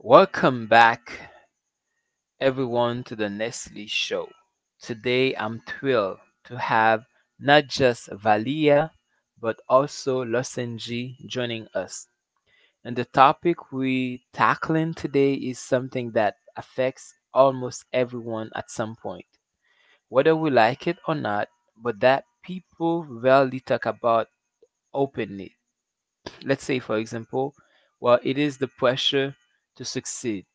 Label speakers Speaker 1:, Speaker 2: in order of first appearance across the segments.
Speaker 1: Welcome back, everyone, to the Nestle Show. Today, I'm thrilled to have not just Valia, but also Losenji joining us. And the topic we are tackling today is something that affects almost everyone at some point, whether we like it or not, but that people rarely talk about openly. Let's say, for example, well, it is the pressure to succeed.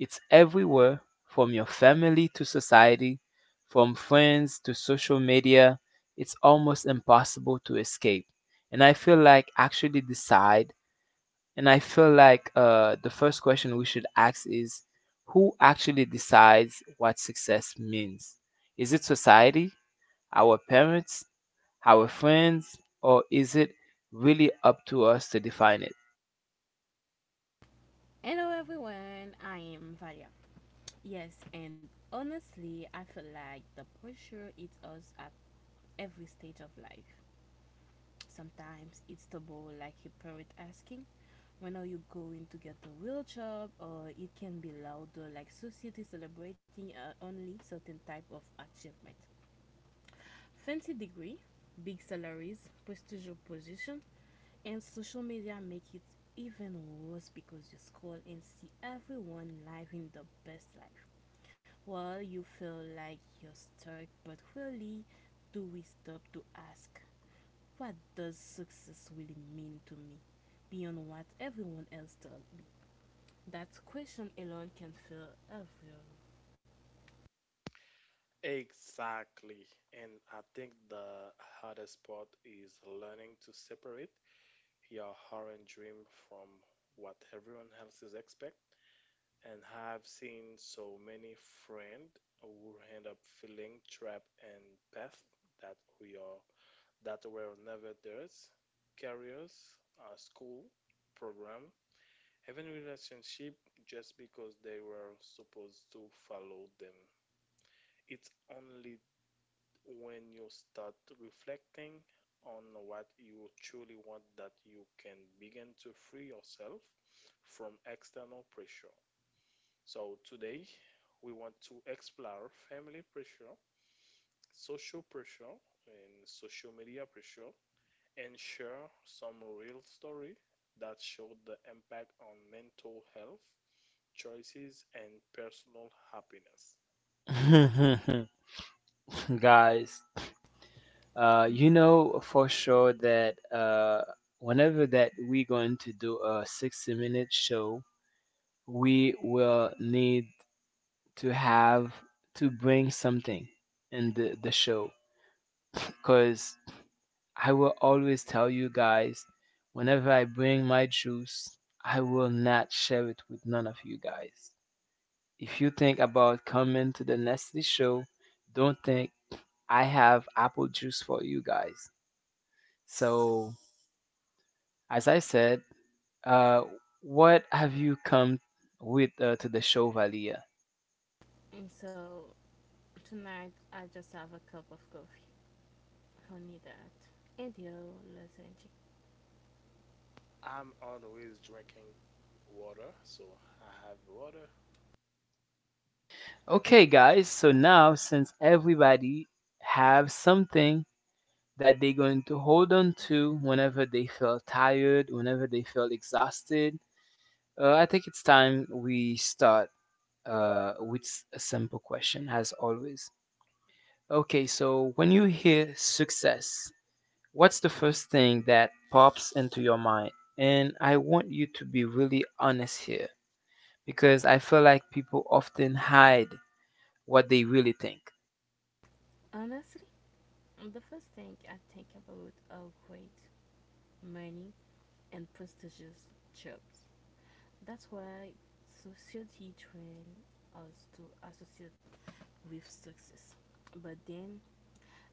Speaker 1: It's everywhere, from your family to society, from friends to social media. It's almost impossible to escape. And I feel like actually decide. And I feel like the first question we should ask is, who actually decides what success means? Is it society, our parents, our friends, or is it really up to us to define
Speaker 2: Hello everyone, I am Valia. Yes, and honestly, I feel like the pressure hits us at every stage of life. Sometimes it's double, like your parent asking, when are you going to get a real job? Or it can be louder, like society celebrating only certain type of achievement. Fancy degree, big salaries, prestigious position, and social media make it even worse because you scroll and see everyone living the best life. Well, you feel like you're stuck, but really, do we stop to ask, what does success really mean to me beyond what everyone else does? That question alone can feel everyone.
Speaker 3: Exactly. And I think the hardest part is learning to separate your current dream from what everyone else is expect. And I've seen so many friends who end up feeling trapped in path that we are that were never theirs, careers, school, program, even relationship, just because they were supposed to follow them. It's only when you start reflecting on what you truly want that you can begin to free yourself from external pressure. So today we want to explore family pressure, social pressure and social media pressure and share some real story that showed the impact on mental health, choices and personal happiness.
Speaker 1: it? Guys, you know for sure that whenever that we're going to do a 60-minute minute show, we will need to have to bring something in the show. Because I will always tell you guys, whenever I bring my juice, I will not share it with none of you guys. If you think about coming to the Nestle show, don't think I have apple juice for you guys. So, as I said, Uh, what have you come with to the show, Valia?
Speaker 2: And so tonight, I just have a cup of coffee. Honey, that. And you, let's enjoy.
Speaker 3: I'm always drinking water, so I have water.
Speaker 1: Okay,
Speaker 2: Okay,
Speaker 1: guys. So
Speaker 2: guys.
Speaker 1: now, since everybody have something that they're going to hold on to whenever they feel tired, whenever they feel exhausted, I think it's time we start with a simple question, as always. Okay, so when you hear success, what's the first thing that pops into your mind? And I want you to be really honest here, because I feel like people often hide what they really think.
Speaker 2: Honestly, well, the first thing I think about are great, money, and prestigious jobs. That's why society trains us to associate with success. But then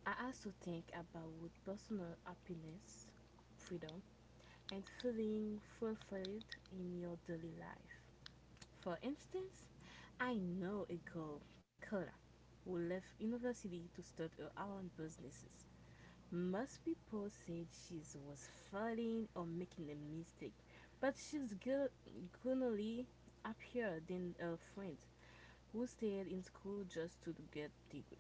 Speaker 2: I also think about personal happiness, freedom, and feeling fulfilled in your daily life. For instance, I know a girl, Kara, who left university to start her own businesses. Most people said she was failing or making a mistake, but gunnily happier than a friend who stayed in school just to get degree.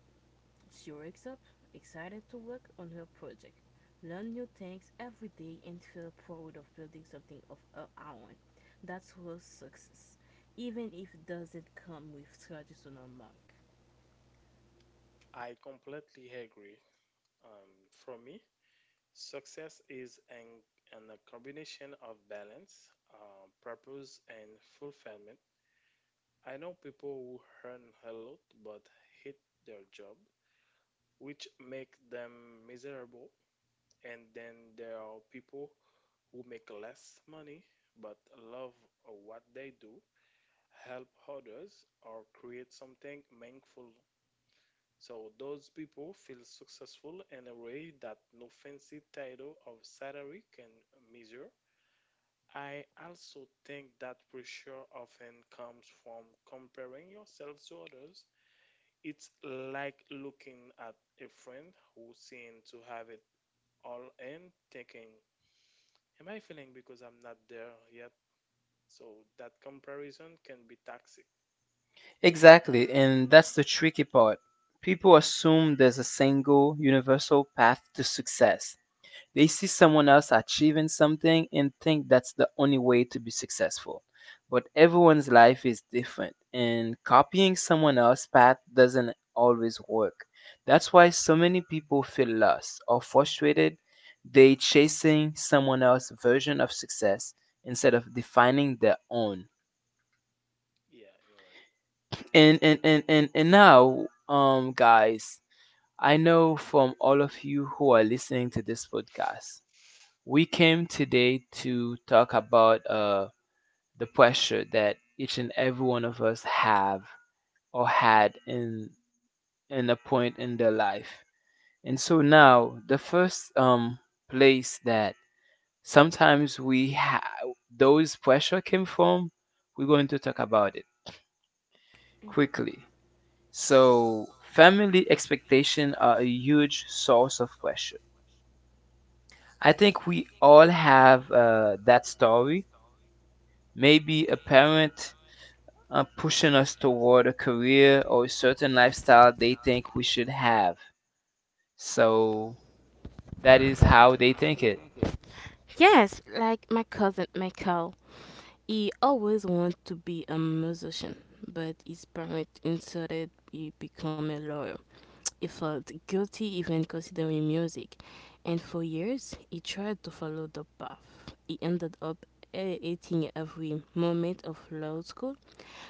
Speaker 2: She wakes up excited to work on her project, learn new things every day, and feel proud of building something of her own. That's her success, even if it doesn't come with traditional mark.
Speaker 3: I completely agree. Um, for me, success is an a combination of balance, purpose, and fulfillment. I know people who earn a lot but hate their job, which make them miserable. And then there are people who make less money but love what they do, help others, or create something meaningful. So those people feel successful in a way that no fancy title of salary can measure. I also think that pressure often comes from comparing yourself to others. It's like looking at a friend who seems to have it all and thinking, Am I feeling because I'm not there yet? So that comparison can be toxic.
Speaker 1: Exactly, and that's the tricky part. People assume there's a single universal path to success. They see someone else achieving something and think that's the only way to be successful. But everyone's life is different, and copying someone else's path doesn't always work. That's why so many people feel lost or frustrated. They chasing someone else's version of success instead of defining their own.
Speaker 3: Yeah, you're
Speaker 1: And now, guys, I know from all of you who are listening to this podcast, we came today to talk about the pressure that each and every one of us have or had in a point in their life. And so now, the first place that sometimes we ha- those pressure came from, we're going to talk about it quickly. So, family expectation are a huge source of pressure. I think we all have that story. Maybe a parent pushing us toward a career or a certain lifestyle they think we should have. So that is how they think it.
Speaker 2: Yes, like my cousin Michael. He always wanted to be a musician, but his parents insisted he become a lawyer. He felt guilty even considering music, and for years he tried to follow the path. He ended up hating every moment of law school,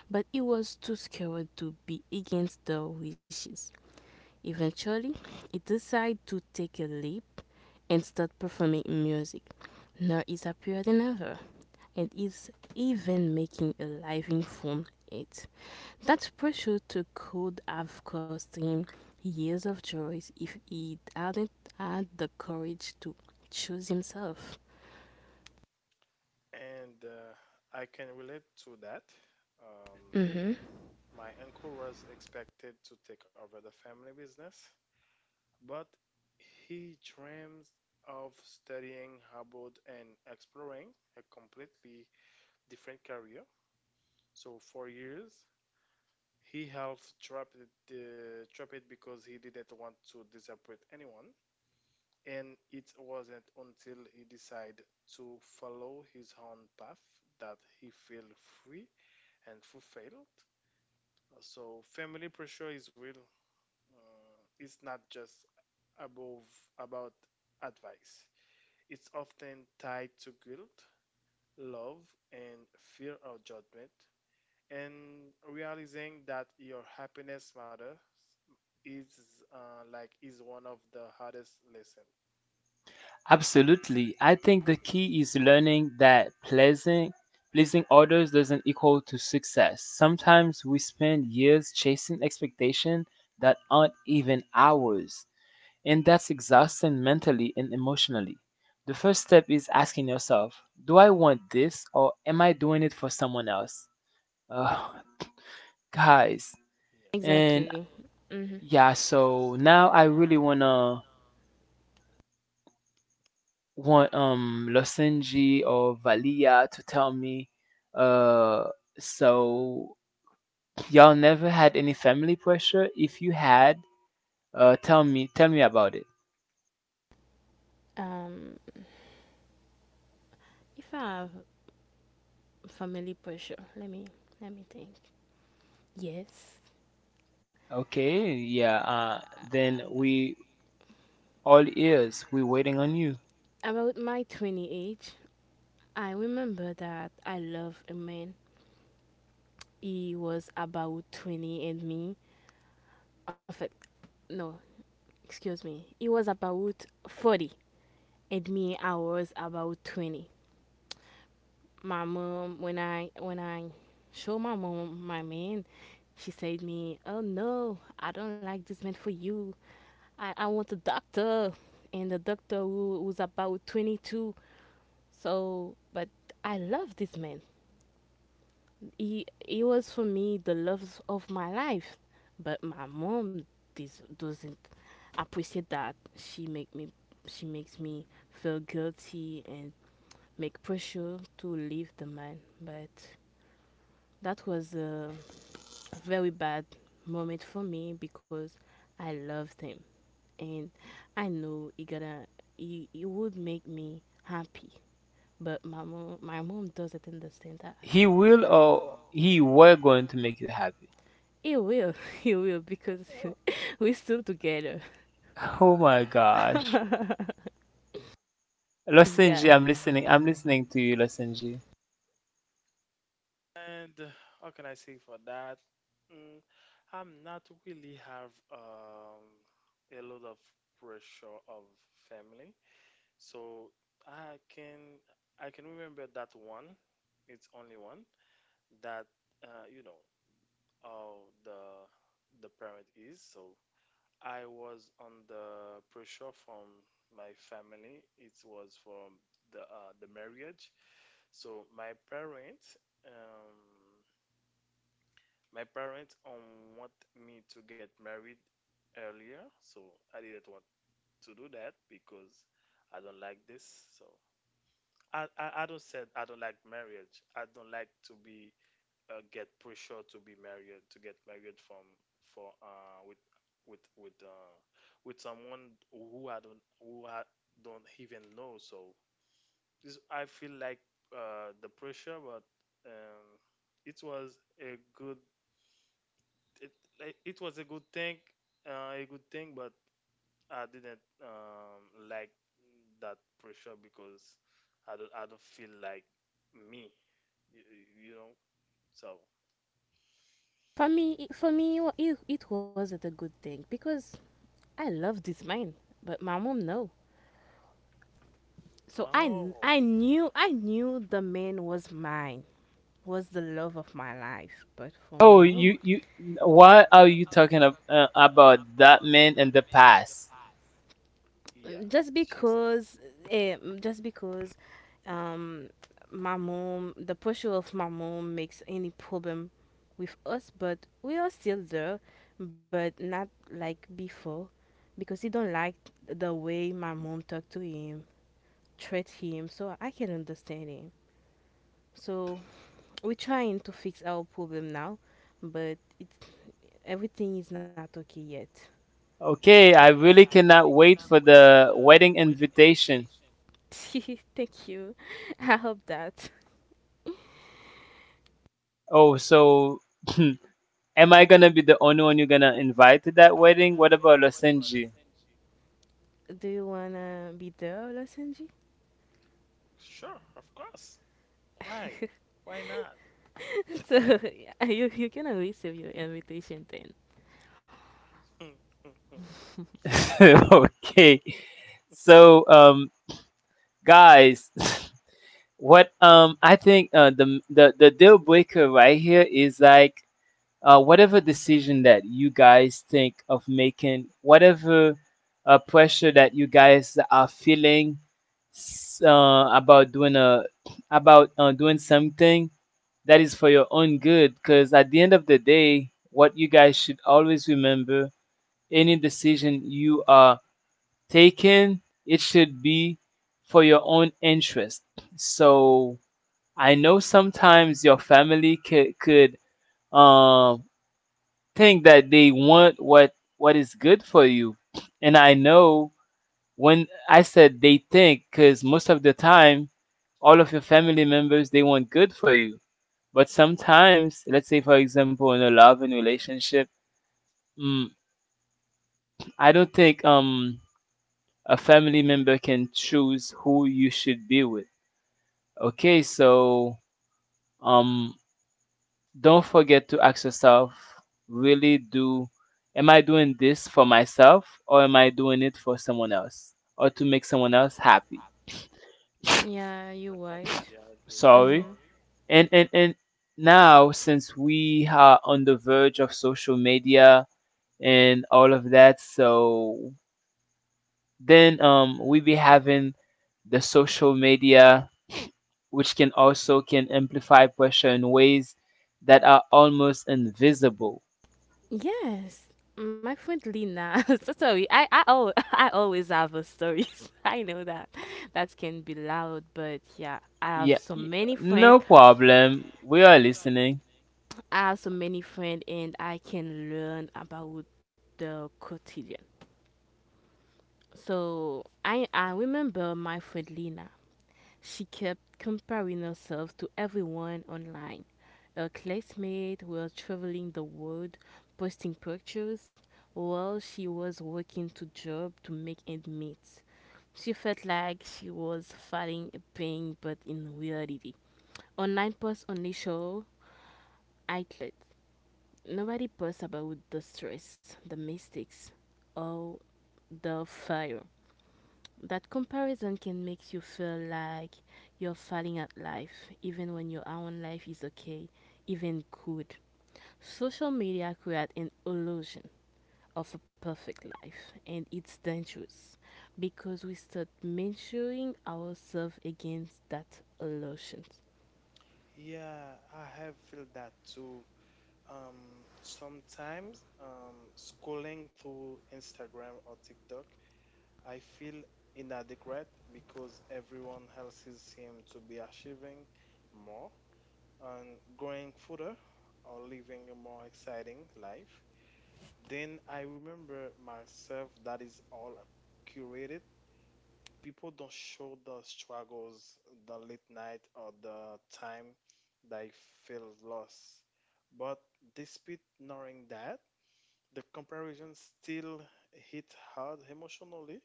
Speaker 2: but he was too scared to be against their wishes. Eventually, he decided to take a leap and start performing music. Now he's happier than ever and is even making a living from it. That pressure to could have cost him years of joys if he hadn't had the courage to choose himself.
Speaker 3: right. And I can relate to that. Um,
Speaker 2: Mm-hmm.
Speaker 3: My uncle was expected to take over the family business, but he dreams of studying abroad and exploring a completely different career. So for years, he half dropped the dropped it because he didn't want to disappoint anyone, and it wasn't until he decided to follow his own path that he felt free and fulfilled. So family pressure is real. It's not just above about advice. It's often tied to guilt, love, and fear of judgment. And realizing that your happiness matters is like is one of the hardest lessons.
Speaker 1: Absolutely. I think the key is learning that pleasing others doesn't equal to success. Sometimes we spend years chasing expectations that aren't even ours, and that's exhausting mentally and emotionally. The first step is asking yourself, do I want this or am I doing it for someone else? Uh, guys
Speaker 3: Yeah.
Speaker 1: and
Speaker 2: Exactly. Mm-hmm.
Speaker 1: yeah, so now I really wanna want Losenji or Valia to tell me, uh so y'all never had any family pressure? If you had, tell me, tell me about it.
Speaker 2: Um, if I have family pressure, let me think. Yes.
Speaker 1: Okay, yeah, then
Speaker 2: Uh,
Speaker 1: we all ears, we waiting on you.
Speaker 2: about my 20 age, I remember that I love a man. He was about 20 and me. In fact, no, excuse me, he was about 40 and me, I was about 20. My mom, when when I showed my mom my man, she said to me, oh no, I don't like this man for you. I want a doctor. And the doctor who was about 22. So, but I love this man. He was for me the love of my life, but my mom doesn't appreciate that. She makes me feel guilty and make pressure to leave the man. But that was a very bad moment for me because I loved him and I know he would make me happy. But my mom doesn't understand that.
Speaker 1: He will or he were going to make you happy?
Speaker 2: You will, you will, because we're still together.
Speaker 1: Oh my gosh. Losenji,
Speaker 2: yeah.
Speaker 1: I'm listening, I'm listening to you, Losenji.
Speaker 3: And how can I say for that? Mm, I'm not really have a lot of pressure of family. So I can I can remember that one. It's only one that you know how the parent is. So I was under pressure from my family. It was from the marriage. So um, my parents want me to get married earlier. So I didn't want to do that because I don't like this. So I don't said I don't like marriage. I don't like to be get pressure to be married to get married from for with with uh with someone who I don't even know. So this I feel like the pressure, but um it was a good it like, it was a good thing, but I didn't like that pressure because I don't feel like me, you, you know. So
Speaker 2: For me, it wasn't a good thing because I love this man, but my mom no. So I, kn- I
Speaker 3: oh
Speaker 2: knew, I knew the man was mine, was the love of my life. But for my
Speaker 1: Oh, you
Speaker 2: mom,
Speaker 1: you why are you talking about that man in the past?
Speaker 3: yeah,
Speaker 2: just
Speaker 3: she said
Speaker 2: because eh, just because um my mom, the pressure of my mom makes any problem with us, but we are still there, but not like before, because he don't like the way my mom talk to him, treat him. So I can understand him. So we're trying to fix our problem now, but it everything is not okay yet.
Speaker 1: Okay, I really cannot wait for the wedding invitation.
Speaker 2: Thank you. I hope that.
Speaker 1: Oh, so am I gonna be the only one you're gonna invite to that wedding? What about Losenji?
Speaker 2: Do you wanna be the Los
Speaker 3: sure, of course. Why? Why not?
Speaker 2: So yeah, you can to receive your invitation then.
Speaker 3: Sure.
Speaker 1: Okay, so guys, what I think the deal breaker right here is like, whatever decision that you guys think of making, whatever pressure that you guys are feeling s- uh, about doing a about doing something that is for your own good. Because at the end of the day, what you guys should always remember: any decision you are taking, it should be for your own interest. So I know sometimes your family could um think that they want what is good for you. And I know when I said they think, because most of the time, all of your family members they want good for you. But sometimes, let's say for example, in a love and relationship, mm, I don't think a family member can choose who you should be with. Okay, so um don't forget to ask yourself, really do, am I doing this for myself or am I doing it for someone else or to make someone else happy?
Speaker 2: Yeah, you
Speaker 3: Yeah, I
Speaker 2: white.
Speaker 3: completely agree. Yeah.
Speaker 1: Sorry.
Speaker 2: Mm-hmm.
Speaker 1: And now, since we are on the verge of social media and all of that, so then we be having the social media, which can also can amplify pressure in ways that are almost invisible.
Speaker 2: Yes, my friend Lina. So sorry, I always have a stories. I know that that can be loud, but yeah, I
Speaker 1: Yeah,
Speaker 2: have so many
Speaker 1: no
Speaker 2: friends.
Speaker 1: problem. We are listening.
Speaker 2: I have so many friends, and I can learn about the quotidian. So I remember my friend Lina. She kept comparing herself to everyone online. Her classmates were traveling the world, posting pictures while she was working two jobs to make ends meet. She felt like she was fighting a pain, but in reality, online posts only show outlets. Nobody posts about the stress, the mistakes, or the failure. That comparison can make you feel like you're failing at life, even when your own life is okay, even good. Social media creates an illusion of a perfect life, and it's dangerous because we start measuring ourselves against that illusion.
Speaker 3: Yeah, I have felt that too. Sometimes scrolling through Instagram or TikTok, I feel inadequate because everyone else seems to be achieving more and going further or living a more exciting life. Then I remember myself that is all curated, people don't show the struggles, the late night, or the time they feel lost. But despite knowing that, the comparison still hit hard emotionally,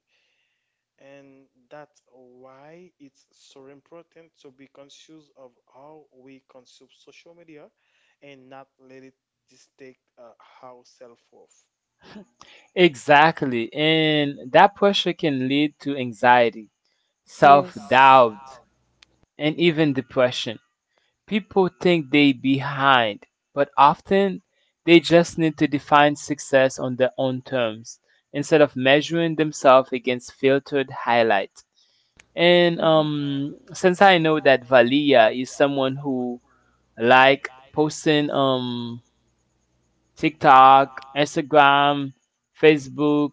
Speaker 3: and that's why it's so important to be conscious of how we consume social media and not let it dictate take our self worth.
Speaker 1: Exactly. And that pressure can lead to anxiety, self
Speaker 2: Yes.
Speaker 1: doubt, and even depression. People think they behind, but often they just need to define success on their own terms instead of measuring themselves against filtered highlights. And
Speaker 2: Mhm.
Speaker 1: since I know that Valia is someone who like posting, TikTok, Instagram, Facebook,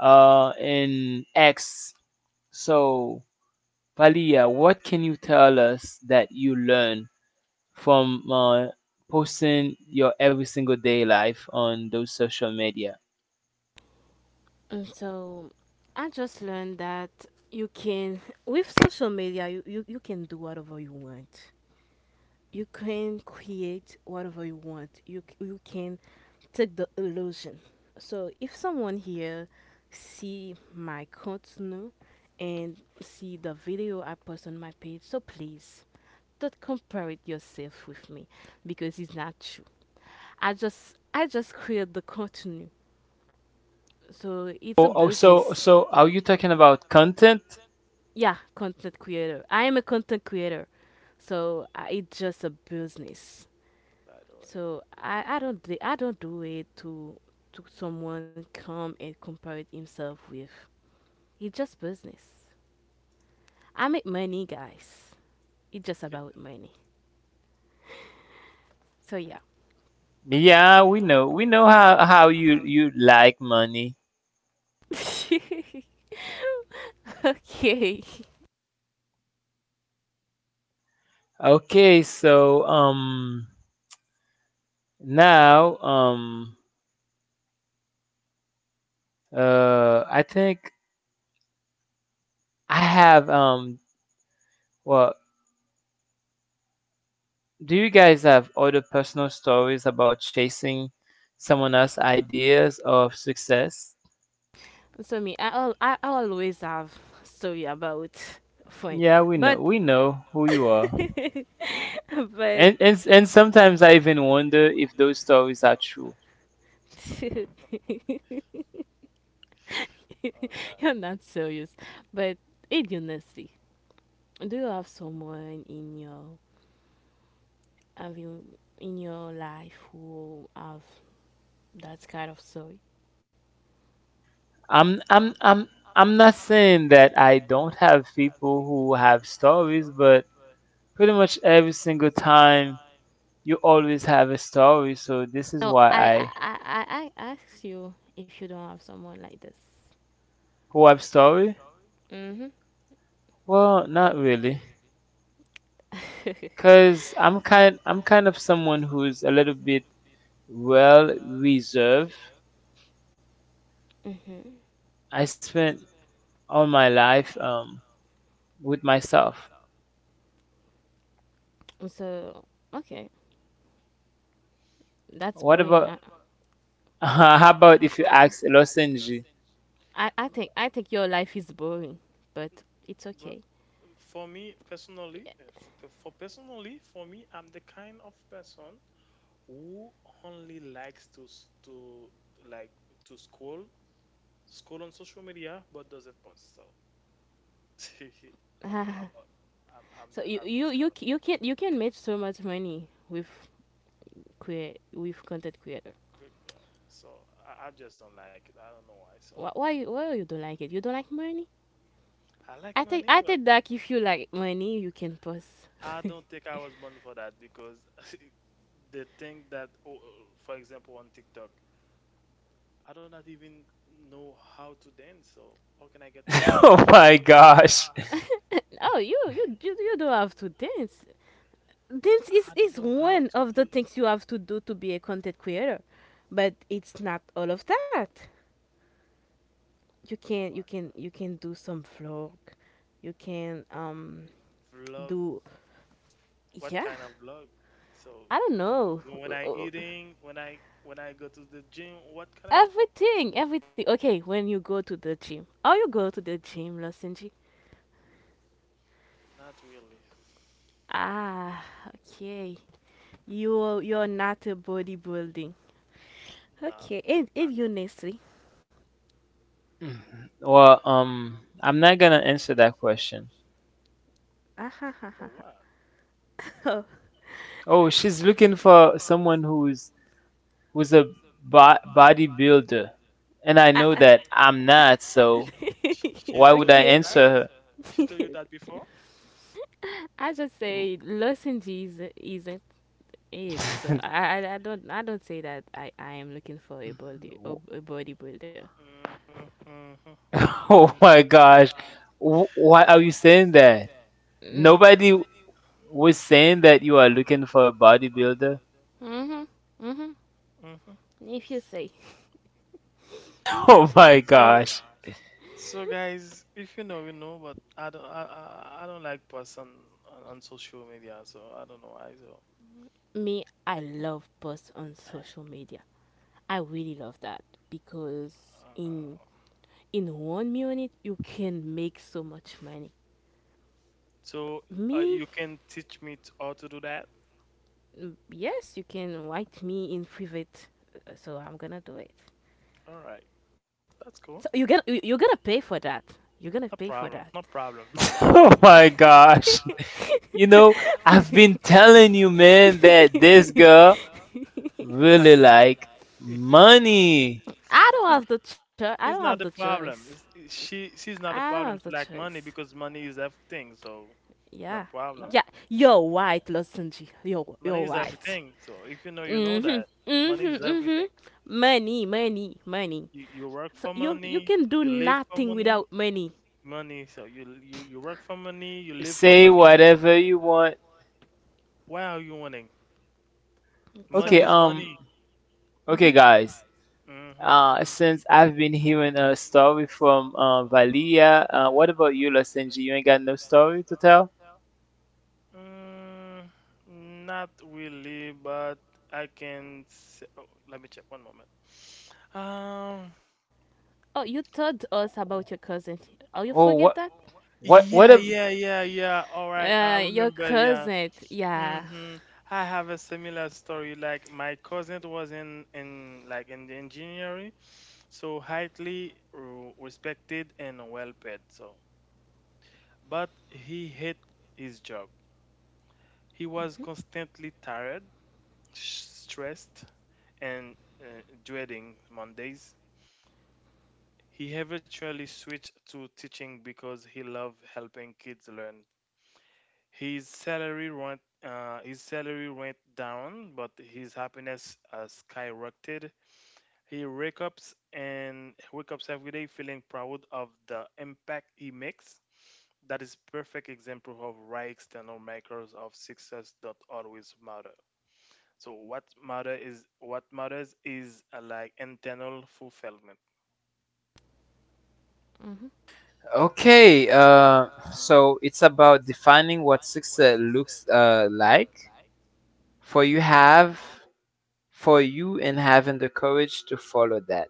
Speaker 1: and X. So, Valia, what can you tell us that you learn from posting your every single day life on those social media?
Speaker 2: And so I just learned that you can, with social media, you can do whatever you want. You can create whatever you want. You can take the illusion. So if someone here see my contenu and see the video I post on my page, so please don't compare it yourself with me because it's not true. I just create the contenu. So it's a
Speaker 1: Oh, oh, so
Speaker 2: business.
Speaker 1: are you talking about content?
Speaker 2: Yeah, content creator. I am a content creator. So it's just a business.
Speaker 3: By the way,
Speaker 2: So I don't do it to someone come and compare it himself with. It's just business. I make money, guys. It's just about money. So yeah.
Speaker 1: Yeah, we know. We know how how you like money.
Speaker 2: Okay.
Speaker 1: Okay, so now I think I have well, do you guys have other personal stories about chasing someone else's ideas of success?
Speaker 2: So me, I al- I always have story about friend,
Speaker 1: Yeah, we
Speaker 2: but
Speaker 1: know, we know who you are.
Speaker 2: but
Speaker 1: And sometimes I even wonder if those stories are true.
Speaker 3: oh God.
Speaker 2: you're not serious. But it idiocy. Do you have someone in your have you in your life who have that kind of story?
Speaker 1: I'm I'm not saying that I don't have people who have stories, but pretty much every single time you always have a story, so this is
Speaker 2: No,
Speaker 1: why
Speaker 2: I
Speaker 1: I
Speaker 2: I I, I I ask you if you don't have someone like this.
Speaker 1: who have story?
Speaker 2: Mhm.
Speaker 1: Well, not really. Cause I'm kind of someone who's a little bit well reserved.
Speaker 2: Mhm.
Speaker 1: I spent all my life with myself.
Speaker 2: So okay, that's
Speaker 1: What
Speaker 2: boring.
Speaker 1: about how about if you ask
Speaker 2: I,
Speaker 1: Losenji?
Speaker 2: I I
Speaker 3: Um,
Speaker 2: think I think your life is boring, but it's
Speaker 3: but
Speaker 2: okay.
Speaker 3: For me personally, for personally, for me, I'm the kind of person who only likes to to like to scroll on social media, but doesn't post. So I'm a- I'm I'm,
Speaker 2: So
Speaker 3: the,
Speaker 2: you
Speaker 3: I'm
Speaker 2: you
Speaker 3: this
Speaker 2: you
Speaker 3: kind of
Speaker 2: c- you can you can make so much money with create with content creator?
Speaker 3: quick girl. So I just don't like it. I don't know why. So
Speaker 2: Why you don't like it? You don't like money?
Speaker 3: I like
Speaker 2: I think
Speaker 3: money,
Speaker 2: I
Speaker 3: but
Speaker 2: think that if you like money, you can post.
Speaker 3: I don't think I was born for that because the thing that, oh, for example, on TikTok. I do not even know how to dance, so how can I get money?
Speaker 1: Oh my gosh.
Speaker 2: Oh, you don't have to dance. Dance is
Speaker 3: I don't
Speaker 2: is
Speaker 3: know how
Speaker 2: one
Speaker 3: to
Speaker 2: of the
Speaker 3: do.
Speaker 2: things you have to do to be a content creator, but it's not all of that. You
Speaker 3: Oh
Speaker 2: can you
Speaker 3: my
Speaker 2: can you can do some vlog. You can
Speaker 3: God. Vlog,
Speaker 2: do
Speaker 3: what
Speaker 2: yeah.
Speaker 3: kind of vlog? So
Speaker 2: I don't know.
Speaker 3: w- when I
Speaker 2: Uh,
Speaker 3: eating, when I go to the gym, what kind of oh,
Speaker 2: Everything, everything. Okay, when you go to the gym, or you go to the gym, Losenji.
Speaker 3: not really.
Speaker 2: Ah, okay. You're not a bodybuilding.
Speaker 3: Not
Speaker 2: Okay, and
Speaker 3: not
Speaker 2: and you
Speaker 3: not
Speaker 2: Nestle.
Speaker 1: Mhm. Well, I'm not gonna answer that question.
Speaker 2: Ah ha ha ha.
Speaker 3: for
Speaker 2: Ha.
Speaker 3: what?
Speaker 2: Oh,
Speaker 1: Oh, she's looking for someone who's a bodybuilder, and I
Speaker 2: ah,
Speaker 1: know
Speaker 2: ah.
Speaker 1: that I'm not.
Speaker 3: She,
Speaker 1: So
Speaker 3: she
Speaker 1: why
Speaker 3: she's
Speaker 1: would
Speaker 3: told
Speaker 1: I
Speaker 3: you
Speaker 2: Okay.
Speaker 3: that?
Speaker 1: answer
Speaker 3: She told you that before?
Speaker 2: I just say Losenji is, isn't it.
Speaker 1: her?
Speaker 2: So I don't say that I am looking for a bodybuilder.
Speaker 3: Hmm.
Speaker 1: Oh
Speaker 3: Hmm.
Speaker 1: my gosh. Why are you saying that?
Speaker 2: Mm.
Speaker 1: Nobody was saying that you are looking for a bodybuilder.
Speaker 2: Mhm. Mhm.
Speaker 3: Hmm.
Speaker 2: If you say,
Speaker 1: Oh my
Speaker 3: So
Speaker 1: gosh.
Speaker 3: So guys, if you know, you know, but I don't like posts on social media, so I don't know why.
Speaker 2: me, I love posts on social media. I really love that because
Speaker 3: Uh,
Speaker 2: in in 1 minute you can make so much money.
Speaker 3: so, you
Speaker 2: Me,
Speaker 3: can teach me t how to do that?
Speaker 2: mm, yes, you can write me in private, so I'm gonna do it.
Speaker 3: All right, that's cool.
Speaker 2: So you're gonna pay for that. You're gonna
Speaker 3: No
Speaker 2: pay for
Speaker 3: problem.
Speaker 2: that.
Speaker 3: No problem. No problem.
Speaker 1: Oh
Speaker 2: Yeah.
Speaker 1: my gosh. You know, I've been telling you, man, that this girl really like money.
Speaker 2: I don't
Speaker 3: It's
Speaker 2: have the choice. I don't have
Speaker 3: it's
Speaker 2: the
Speaker 3: not a
Speaker 2: choice.
Speaker 3: problem. She's not
Speaker 2: I
Speaker 3: a
Speaker 2: don't have
Speaker 3: problem
Speaker 2: the
Speaker 3: to like money
Speaker 2: choice.
Speaker 3: because money is everything. So, not
Speaker 2: Yeah.
Speaker 3: a problem.
Speaker 2: Yeah. You're right, Losunji. You're
Speaker 3: Money is
Speaker 2: right.
Speaker 3: everything. So if you know, you know
Speaker 2: Mm-hmm.
Speaker 3: that money is
Speaker 2: Mm-hmm.
Speaker 3: everything.
Speaker 2: Mm-hmm. Money, money, money.
Speaker 3: You
Speaker 2: So
Speaker 3: work for
Speaker 2: you can
Speaker 3: money.
Speaker 2: do
Speaker 3: You live
Speaker 2: nothing
Speaker 3: for
Speaker 2: without
Speaker 3: money.
Speaker 2: money.
Speaker 3: Money. So you work for money. You live for
Speaker 1: Say
Speaker 3: money.
Speaker 1: whatever you want.
Speaker 3: Why are you winning?
Speaker 1: Okay,
Speaker 3: Money
Speaker 2: So
Speaker 3: is money.
Speaker 1: okay,
Speaker 2: mhm.
Speaker 1: guys.
Speaker 3: Mm-hmm. Mm-hmm.
Speaker 1: Since I've been hearing a story from Valia, what about you, Losenji? You ain't got no story to tell?
Speaker 3: Not really, but I can. Say, oh, let me check one moment. Um.
Speaker 2: Oh, you told us about your cousin. Oh, you
Speaker 1: Oh,
Speaker 2: forget that?
Speaker 1: what, what?
Speaker 3: Yeah,
Speaker 1: A,
Speaker 3: yeah, yeah, yeah. All right, I
Speaker 2: Your
Speaker 3: remember. Yeah.
Speaker 2: cousin, yeah.
Speaker 3: Mm-hmm. I have a similar story. Like my cousin was in like in the engineering, so highly respected and well paid. So but he hated his job. He was constantly tired, stressed, and dreading Mondays. He eventually switched to teaching because he loved helping kids learn. His salary went down, but his happiness skyrocketed. He wakes up every day feeling proud of the impact he makes. That is perfect example of why external markers of success don't always matter. So what matters is like internal fulfillment.
Speaker 2: Hmm.
Speaker 1: okay,
Speaker 3: Mhm.
Speaker 1: so it's about defining what success looks like. For you have, for you, and having the courage to follow that,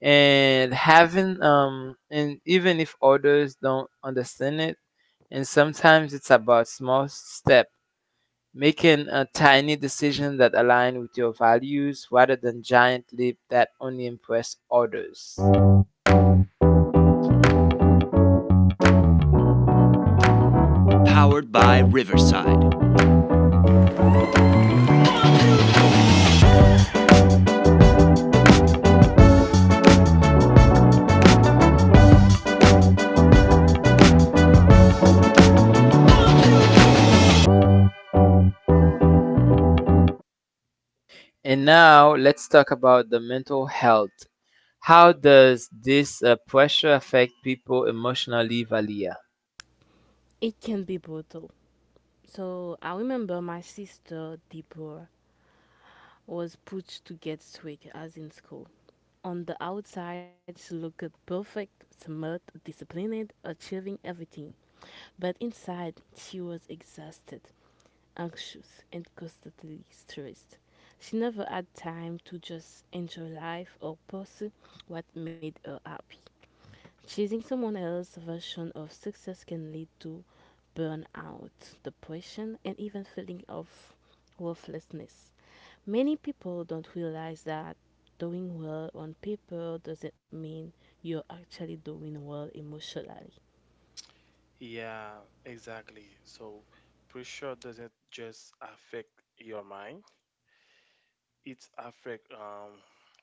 Speaker 1: and having and even if others don't understand it, and sometimes it's about small step, making a tiny decision that align with your values rather than giant leap that only impress others. And now let's talk about the mental health. How
Speaker 3: Mm.
Speaker 1: does this pressure affect people emotionally, Valia?
Speaker 2: It can be brutal. So I remember my sister Deborah was put to get sick as in school. On the outside, she looked perfect, smart, disciplined, achieving everything. But inside, she was exhausted, anxious, and constantly stressed. She never had time to just enjoy life or pursue what made her happy. Chasing someone else's version of success can lead to burnout, depression, and even feeling of worthlessness. Many people don't realize that doing well on paper doesn't mean you're actually doing well emotionally.
Speaker 3: Yeah, exactly. So pressure doesn't just affect your mind; it affect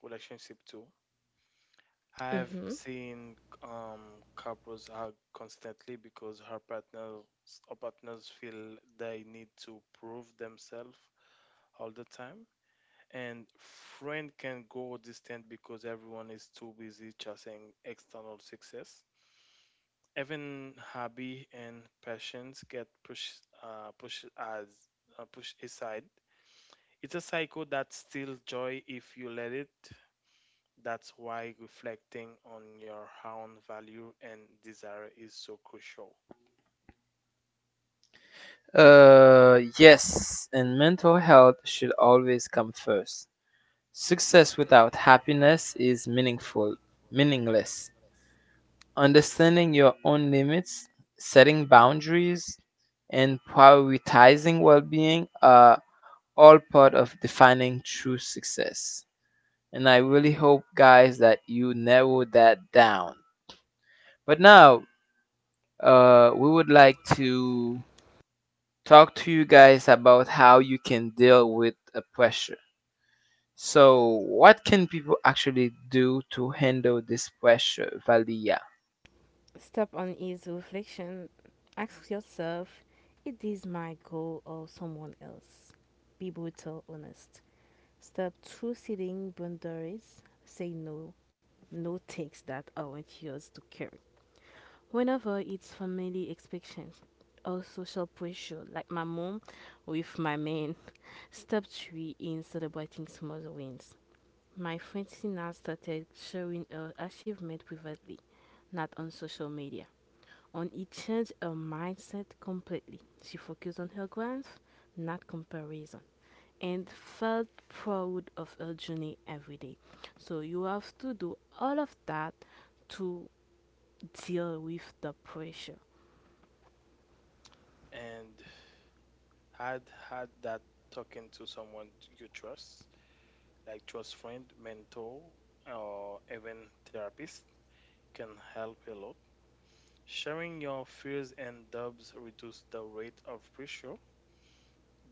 Speaker 3: relationship too.
Speaker 2: Mm-hmm.
Speaker 3: I've seen couples hug constantly because her partners feel they need to prove themselves all the time. And friend can go distant because everyone is too busy chasing external success. Even hobby and passions get pushed aside. It's a cycle that steals joy if you let it. That's why reflecting on your own value and desire is so crucial.
Speaker 1: Yes, and mental health should always come first. Success without happiness is meaningful, meaningless. Understanding your own limits, setting boundaries, and prioritizing well-being are all part of defining true success. And I really hope, guys, that you narrow that down. But now, we would like to talk to you guys about how you can deal with a pressure. So, what can people actually do to handle this pressure, Valia?
Speaker 2: Step on is reflection. Ask yourself, is this my goal or someone else? Be brutal, honest. Step through setting boundaries. Say no. No takes that aren't yours to carry. Whenever it's family expectations or social pressure, like my mom with my man, step three in celebrating small wins. My friend Sina started sharing her achievement privately, not on social media. And it changed her mindset completely. She focused on her growth, not comparison, and felt proud of her journey every day. So you have to do all of that to deal with the pressure.
Speaker 3: And I'd had that talking to someone you trust friend, mentor, or even therapist can help a lot. Sharing your fears and doubts reduce the rate of pressure.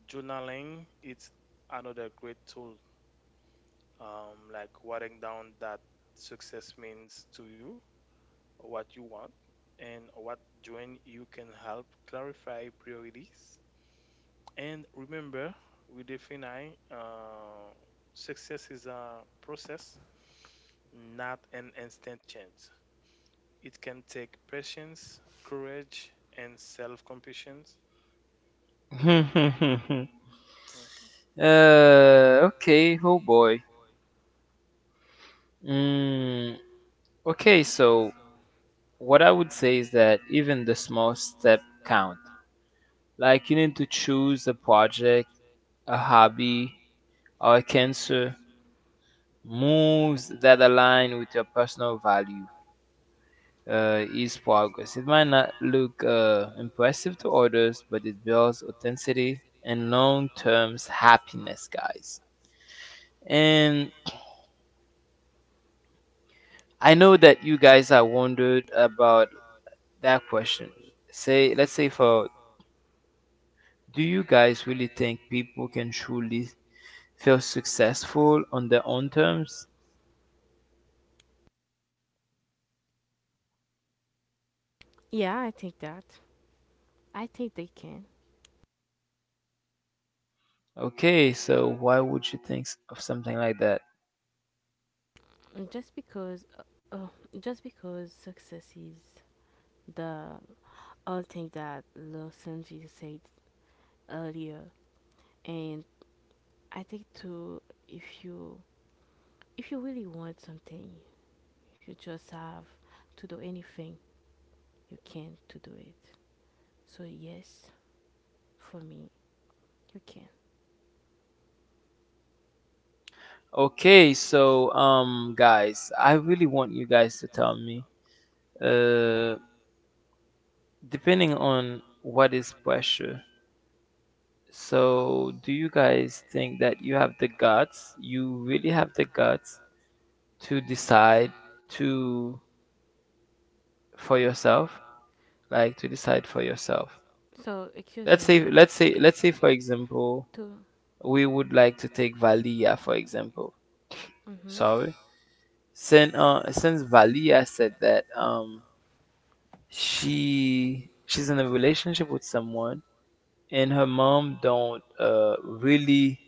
Speaker 3: Journaling is another great tool, like writing down that success means to you, what you want, and what doing you can help clarify priorities. And remember, we define success is a process, not an instant change. It can take patience, courage, and self-compassion. Uh,
Speaker 1: okay, oh boy. Mm, okay, so what I would say is that even the small step count. Like you need to choose a project, a hobby, or a cancer moves that align with your personal value is progress. It might not look impressive to others, but it builds authenticity and long term happiness, guys. And I know that you guys are wondered about that question. Say, let's say for Do you guys really think people can truly feel successful on their own terms?
Speaker 2: Yeah, I think that. I think they can.
Speaker 1: Okay, so why would you think of something like that?
Speaker 2: And just because, uh, success is the other thing that Lil Sanji said earlier, and I think too, if you if you really want something, you just have to do anything you can to do it. So yes, for me, you can.
Speaker 1: Okay, so guys, I really want you guys to tell me uh depending on what is pressure. So, do you guys think that you have the guts, you really have the guts to decide to for yourself, like to decide for yourself?
Speaker 2: So, excuse
Speaker 1: Let's say
Speaker 2: me.
Speaker 1: let's say let's say for example, we would like to take Valia for example.
Speaker 2: To, mm-hmm.
Speaker 1: Sorry. Since Valia said that she's in a relationship with someone and her mom don't really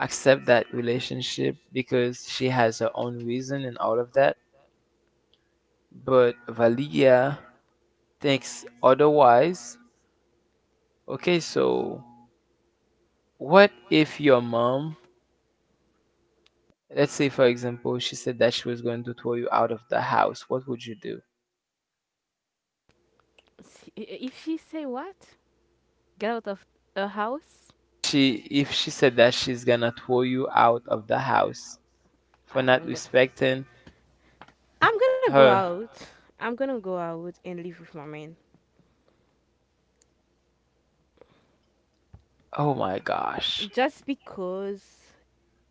Speaker 1: accept that relationship because she has her own reason and all of that, but valia thinks otherwise. Okay, so what if your mom, let's say for example, she said that she was going to throw you out of the house? What would you do?
Speaker 2: Sorry. If she say what? Get out of the house.
Speaker 1: She If she said that she's gonna throw you out of the house for not
Speaker 2: I'm gonna.
Speaker 1: respecting
Speaker 2: Am gonna go
Speaker 1: her.
Speaker 2: out. I'm gonna go out and live with my man.
Speaker 1: Oh my gosh.
Speaker 2: Just because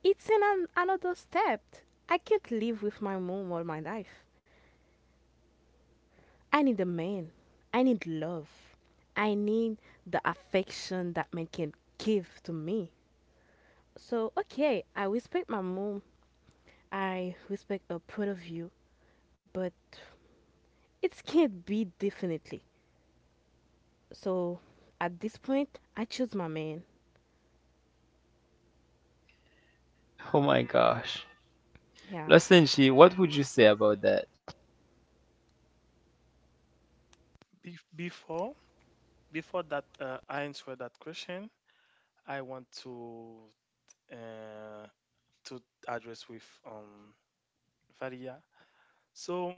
Speaker 2: it's an another step. I can't live with my mom all my life. I need a man. I need love. I need the affection that man can give to me. So, okay, I respect my mom. I respect her point of view, but it can't be definitely. So, at this point, I choose my man.
Speaker 1: Oh my gosh.
Speaker 2: Yeah.
Speaker 1: Losenji, what would you say about that?
Speaker 3: be- before before that, I answer that question. I want uh, to address with Varia. So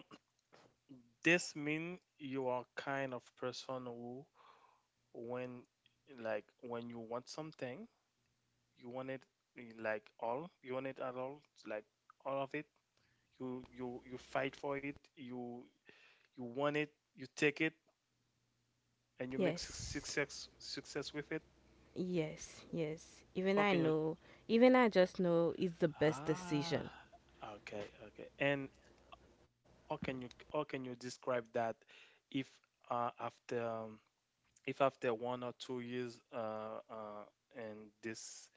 Speaker 3: this mean you are kind of person who, when when you want something. You want it in, like all. You want it at all, like all of it. You fight for it. You want it. You take it, and you make suc-
Speaker 2: Yes.
Speaker 3: success success with it.
Speaker 2: Yes. Yes. Even
Speaker 3: How
Speaker 2: I
Speaker 3: can you?
Speaker 2: know, even I just know it's the best
Speaker 3: Ah,
Speaker 2: decision.
Speaker 3: okay, okay. And how can you describe that if after if after 1 or 2 years and this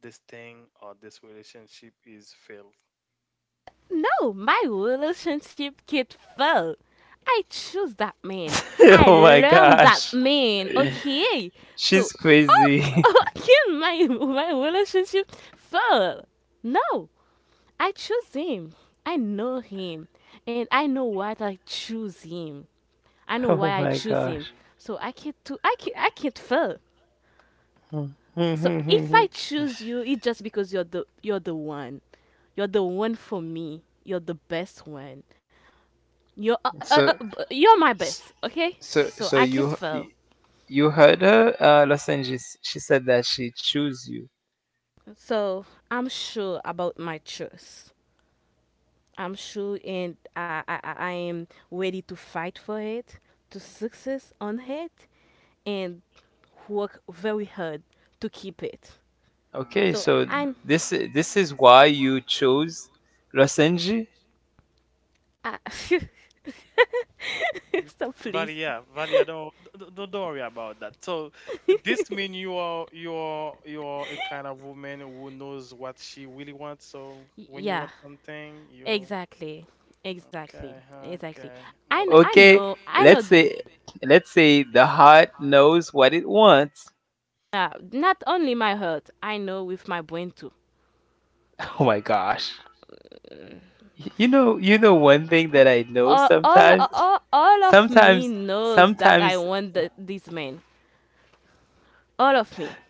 Speaker 3: this thing or this relationship is failed?
Speaker 2: No, my relationship get fail. I choose that man. I
Speaker 1: Oh my
Speaker 2: learn that
Speaker 1: gosh.
Speaker 2: man. Okay. So,
Speaker 1: She's
Speaker 2: okay,
Speaker 1: crazy.
Speaker 2: ok, my relationship fail? No, I choose him. I know him, and I know why I choose him. I know why
Speaker 1: Oh
Speaker 2: I
Speaker 1: my
Speaker 2: choose him.
Speaker 1: gosh.
Speaker 2: So I can't do. I can't fail. So if I choose you, it's just because you're the one. You're the one for me. You're the best one. You're
Speaker 1: so
Speaker 2: you're my best, okay?
Speaker 1: so
Speaker 2: So
Speaker 1: so
Speaker 2: I
Speaker 1: you,
Speaker 2: can't fail.
Speaker 1: you heard her, Losenji, she said that she chose you.
Speaker 2: So I'm sure about my choice. I'm sure, and I am ready to fight for it, to success on it, and work very hard to keep it.
Speaker 1: Okay,
Speaker 2: So
Speaker 1: so
Speaker 2: I'm.
Speaker 1: this is why you chose Losenji?
Speaker 2: I Stop,
Speaker 3: Vali,
Speaker 2: please.
Speaker 3: yeah, Vali, yeah, don't worry about that. So this mean you are a kind of woman who knows what she really wants. So
Speaker 2: Y-
Speaker 3: when you
Speaker 2: Yeah,
Speaker 3: want something, you
Speaker 2: exactly, exactly,
Speaker 3: okay,
Speaker 2: exactly.
Speaker 3: okay. Mhm.
Speaker 2: I
Speaker 1: Okay,
Speaker 2: know I know
Speaker 1: let's
Speaker 2: th-
Speaker 1: say let's say the heart knows what it wants.
Speaker 2: Yeah, not only my heart, I know with my brain too.
Speaker 1: Oh my gosh. You know one thing that I know
Speaker 2: All, all,
Speaker 1: sometimes,
Speaker 2: all, all of me
Speaker 1: sometimes,
Speaker 2: knows that
Speaker 1: sometimes,
Speaker 2: this man. All of me.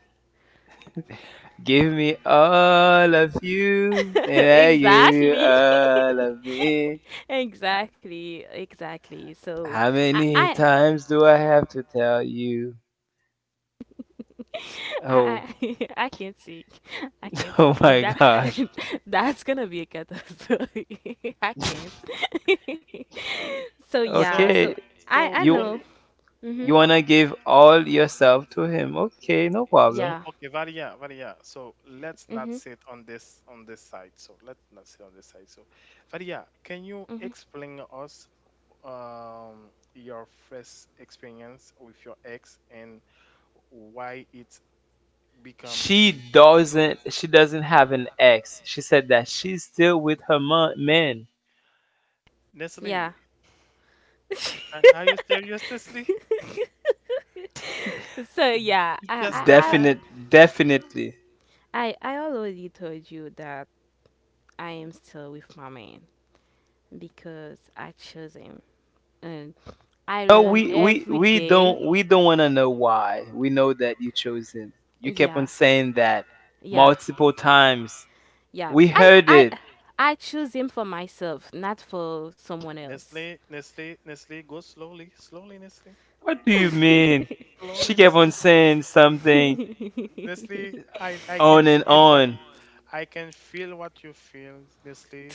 Speaker 1: give me all of you and I give you
Speaker 2: exactly.
Speaker 1: all of me.
Speaker 2: exactly. Exactly. So
Speaker 1: How
Speaker 2: I,
Speaker 1: many
Speaker 2: I,
Speaker 1: times do I have to tell you?
Speaker 2: I,
Speaker 1: Oh,
Speaker 2: I I can't sing. I can't
Speaker 1: oh
Speaker 2: sing.
Speaker 1: my gosh.
Speaker 2: That's gonna be a catastrophe. I can't. so yeah.
Speaker 3: So
Speaker 2: So
Speaker 1: Okay,
Speaker 3: so
Speaker 2: I
Speaker 1: you
Speaker 3: one.
Speaker 2: know.
Speaker 1: you
Speaker 2: Mhm.
Speaker 1: wanna give all yourself to him? Okay, no problem.
Speaker 3: So
Speaker 2: Yeah.
Speaker 3: okay, Varia, Varia. So let's not
Speaker 2: Mhm.
Speaker 3: sit on this side. So let's not sit on this side. So Varia, can you
Speaker 2: Mhm.
Speaker 3: explain us your first experience with your ex and why it's become
Speaker 1: She doesn't. She doesn't have an ex. She said that she's still with her man.
Speaker 2: Yeah.
Speaker 3: Nestle? Are you serious, Nestle?
Speaker 2: So yeah,
Speaker 3: It's
Speaker 2: I I
Speaker 3: just like
Speaker 2: I
Speaker 3: that?
Speaker 1: Definite, definitely.
Speaker 2: I I already told you that I am still with my man because I chose him and I
Speaker 1: No,
Speaker 2: learn
Speaker 1: we we
Speaker 2: every
Speaker 1: we
Speaker 2: day.
Speaker 1: don't, we don't want to know why. We know that you chose him. You kept on
Speaker 2: Yeah,
Speaker 1: saying that
Speaker 2: yeah,
Speaker 1: multiple times.
Speaker 2: yeah.
Speaker 1: We
Speaker 2: I
Speaker 1: heard
Speaker 2: I
Speaker 1: it.
Speaker 2: I choose him for myself, not for someone else.
Speaker 3: Nestle, Nestle, Nestle, go slowly, slowly, Nestle,
Speaker 1: What do you mean?
Speaker 3: slowly,
Speaker 1: She kept
Speaker 3: Nestle.
Speaker 1: on saying something
Speaker 3: Nestle, I can
Speaker 1: on and
Speaker 3: feel what
Speaker 1: on.
Speaker 3: you feel, Nestle.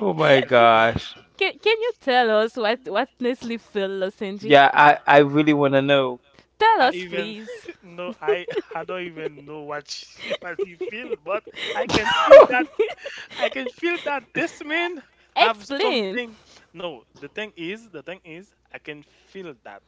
Speaker 1: Oh my
Speaker 3: Honestly.
Speaker 1: gosh.
Speaker 2: can you tell us what Nestle feel, Losenji?
Speaker 1: Yeah, I really want to know.
Speaker 2: Tell
Speaker 3: I
Speaker 2: us,
Speaker 3: even
Speaker 2: please.
Speaker 3: no, I don't even know what she what he feel, but I can feel that I can feel that this man have
Speaker 2: Explain.
Speaker 3: something. No, the thing is, I can feel that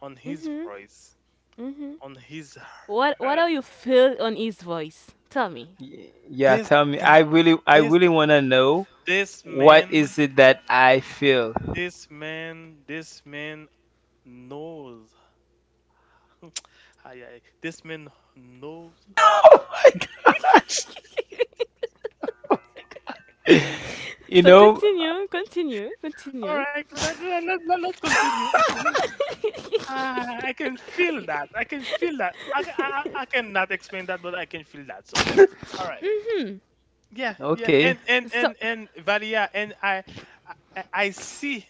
Speaker 3: on his
Speaker 2: Mhm.
Speaker 3: voice,
Speaker 2: Mhm.
Speaker 3: on his
Speaker 2: What
Speaker 3: heart.
Speaker 2: do you feel on his voice? Tell me.
Speaker 1: Yeah,
Speaker 3: This
Speaker 1: tell me.
Speaker 3: guy,
Speaker 1: I
Speaker 3: this
Speaker 1: really want to know
Speaker 3: this
Speaker 1: what
Speaker 3: man,
Speaker 1: is it that I feel.
Speaker 3: this man, this man knows. Aye, aye. This man knows.
Speaker 1: Oh my god. You
Speaker 2: So
Speaker 1: know,
Speaker 2: continue, continue,
Speaker 3: All
Speaker 2: continue.
Speaker 3: right, let's continue. Ah, I can feel that. I can feel that. I cannot explain that, but I can feel that. So, all right.
Speaker 2: Mhm.
Speaker 3: Yeah, yeah.
Speaker 1: okay.
Speaker 3: And and
Speaker 2: So
Speaker 3: and and Valia, and I see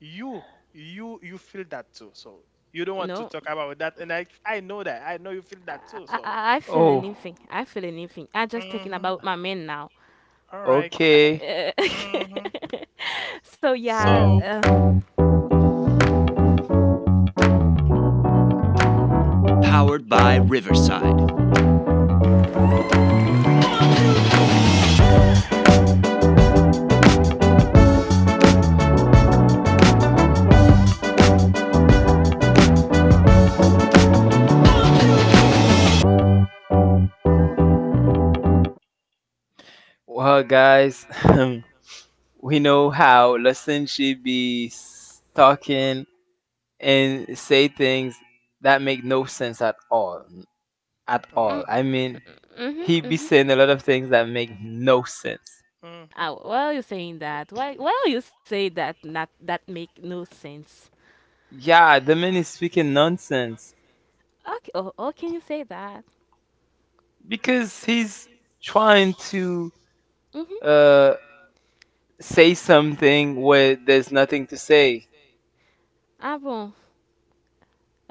Speaker 3: you. You feel that too. So you don't want to
Speaker 2: no,
Speaker 3: talk about that, and I know that. I know you feel
Speaker 2: I,
Speaker 3: that too.
Speaker 2: I
Speaker 3: So,
Speaker 2: I I feel
Speaker 1: Oh,
Speaker 2: anything. I feel anything. I just thinking
Speaker 3: mhm,
Speaker 2: about my men now.
Speaker 3: all right.
Speaker 1: okay.
Speaker 2: Uh,
Speaker 3: Mm-hmm.
Speaker 2: so yeah.
Speaker 3: So,
Speaker 1: Well, guys, we know how Lesson should be talking and say things that make no sense at all. At
Speaker 2: Mm,
Speaker 1: all.
Speaker 3: mm-hmm,
Speaker 1: I mean,
Speaker 2: mhm.
Speaker 1: he
Speaker 3: mm-hmm,
Speaker 1: be
Speaker 2: Mhm.
Speaker 1: saying a lot of things that make no sense.
Speaker 3: mm-hmm.
Speaker 2: Ah, why are you saying that? Why are you say that? Not that make no sense.
Speaker 1: Yeah, the man is speaking nonsense
Speaker 2: Okay. Oh, can you say that?
Speaker 1: because he's trying to
Speaker 2: Mhm.
Speaker 1: uh, say something where there's nothing to say.
Speaker 2: Ah bon.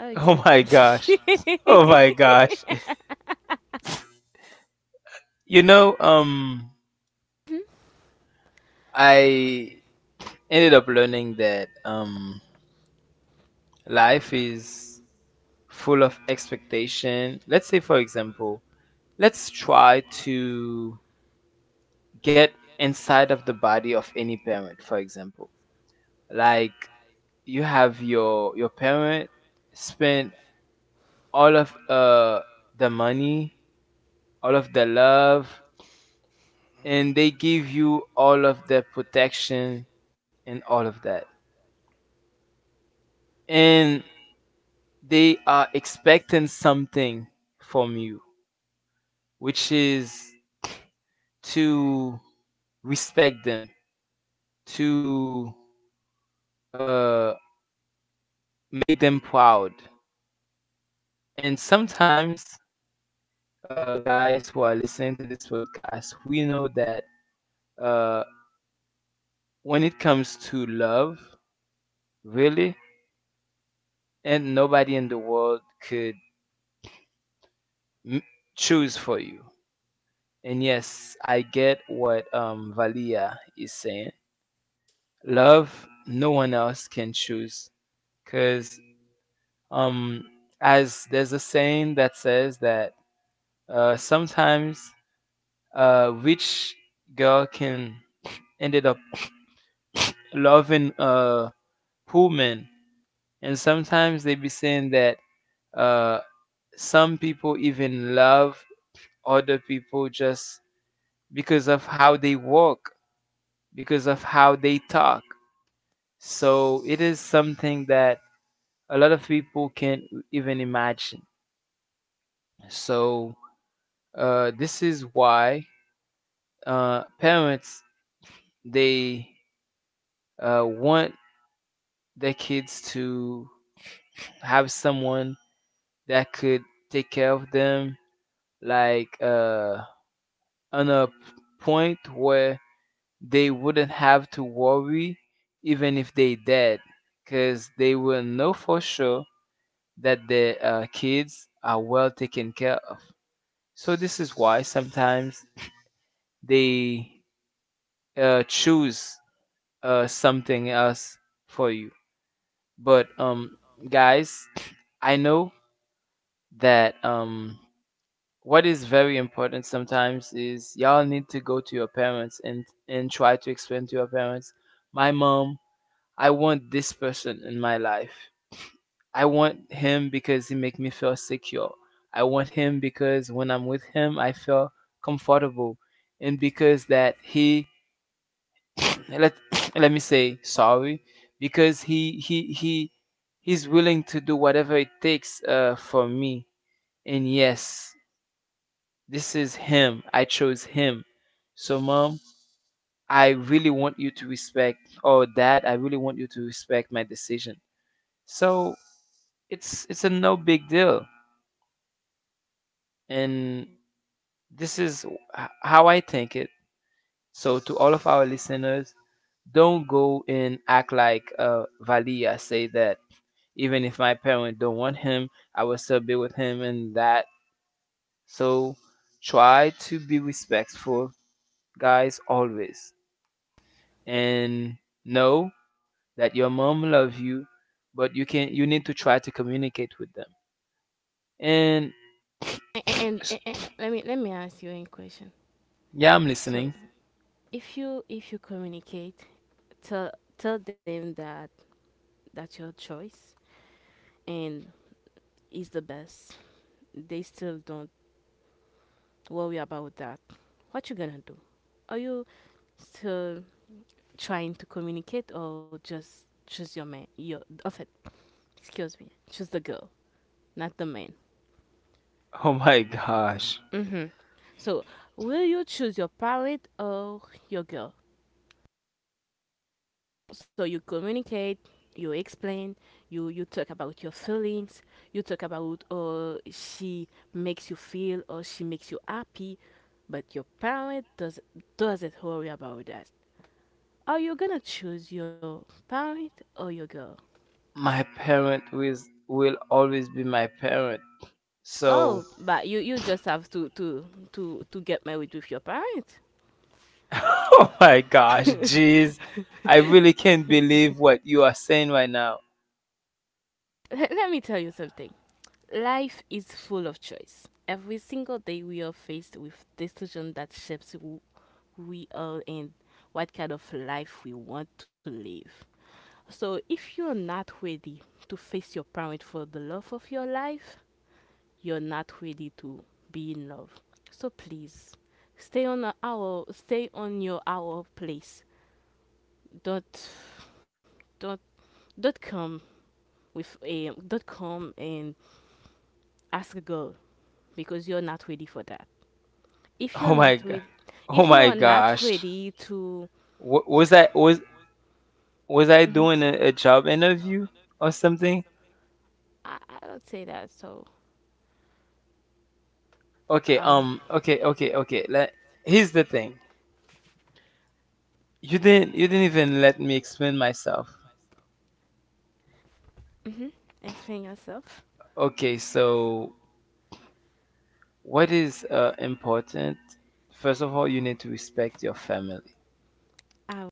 Speaker 2: Oh,
Speaker 1: Oh
Speaker 2: excuse
Speaker 1: my
Speaker 2: me.
Speaker 1: gosh. Oh my gosh. You know, um, I ended up learning that life is full of expectation. Let's say, for example, let's try to get inside of the body of any parent, for example. Like you have your parent spend all of the money, all of the love,
Speaker 3: Mm-hmm.
Speaker 1: and they give you all of the protection and all of that. And they are expecting something from you, which is to respect them, to uh, make them proud. And sometimes, guys who are listening to this podcast, we know that, uh, when it comes to love, really, and nobody in the world could m- choose for you. And yes, I get what, Valia is saying. Love, no one else can choose because, Um, as there's a saying that says that, sometimes a rich girl can ended up loving poor men, and sometimes they be saying that, uh, some people even love other people just because of how they walk, because of how they talk. So it is something that a lot of people can't even imagine. So, this is why, parents they, want their kids to have someone that could take care of them, like, on a point where they wouldn't have to worry even if they dead, because they will know for sure that their, kids are well taken care of. So this is why sometimes they, choose, something else for you. But, guys, I know that, what is very important sometimes is y'all need to go to your parents and try to explain to your parents, my mom, I want this person in my life. I want him because he make me feel secure. I want him because when I'm with him, I feel comfortable, and because that he let let me say sorry because he he's willing to do whatever it takes, for me. And yes, this is him. I chose him. So mom, I really want you to respect, or dad, I really want you to respect my decision. So it's a no big deal. And this is how I think it. So to all of our listeners, don't go and act like, Valia say that, even if my parents don't want him, I will still be with him and that. So try to be respectful, guys, always. And know that your mom loves you, but you need to try to communicate with them. And
Speaker 2: And let me ask you a question,
Speaker 1: yeah, I'm
Speaker 2: so
Speaker 1: listening.
Speaker 2: if you, if you communicate, tell tell them that that's your choice and is the best, they still don't worry about that, what you gonna do? Are you still trying to communicate, or just choose your man, your of it? Excuse me, choose the girl, not the man.
Speaker 1: Oh my gosh.
Speaker 2: Mm-hmm. So will you choose your parent or your girl? So you communicate, you explain, you talk about your feelings, you talk about she makes you feel, or she makes you happy, but your parent doesn't worry about that. Are you gonna choose your parent or your girl?
Speaker 1: My parent is, will always be my parent. So,
Speaker 2: Oh, but you just have to to get married with your parent.
Speaker 1: oh my gosh, jeez. I really can't believe what you are saying right now.
Speaker 2: Let me tell you something. Life is full of choice. Every single day we are faced with decision that shapes who we are and what kind of life we want to live. So if you're not ready to face your parents for the love of your life, you're not ready to be in love. So please stay on your our place. Don't don't don't come don't come and ask a girl because you're not ready for that. if
Speaker 1: Oh
Speaker 2: you're
Speaker 1: my
Speaker 2: not
Speaker 1: god.
Speaker 2: with
Speaker 1: Oh
Speaker 2: if you
Speaker 1: my
Speaker 2: are not
Speaker 1: gosh.
Speaker 2: ready to,
Speaker 1: Wa- Was
Speaker 2: to
Speaker 1: I was was I
Speaker 2: mhm.
Speaker 1: doing a job interview or something?
Speaker 2: I don't say that so
Speaker 1: Okay,
Speaker 2: um
Speaker 1: okay, okay, okay. Let Here's the thing. You didn't even let me explain myself.
Speaker 2: mhm. Explain yourself.
Speaker 1: Okay, so what is, important? First of all, you need to respect your family.
Speaker 2: I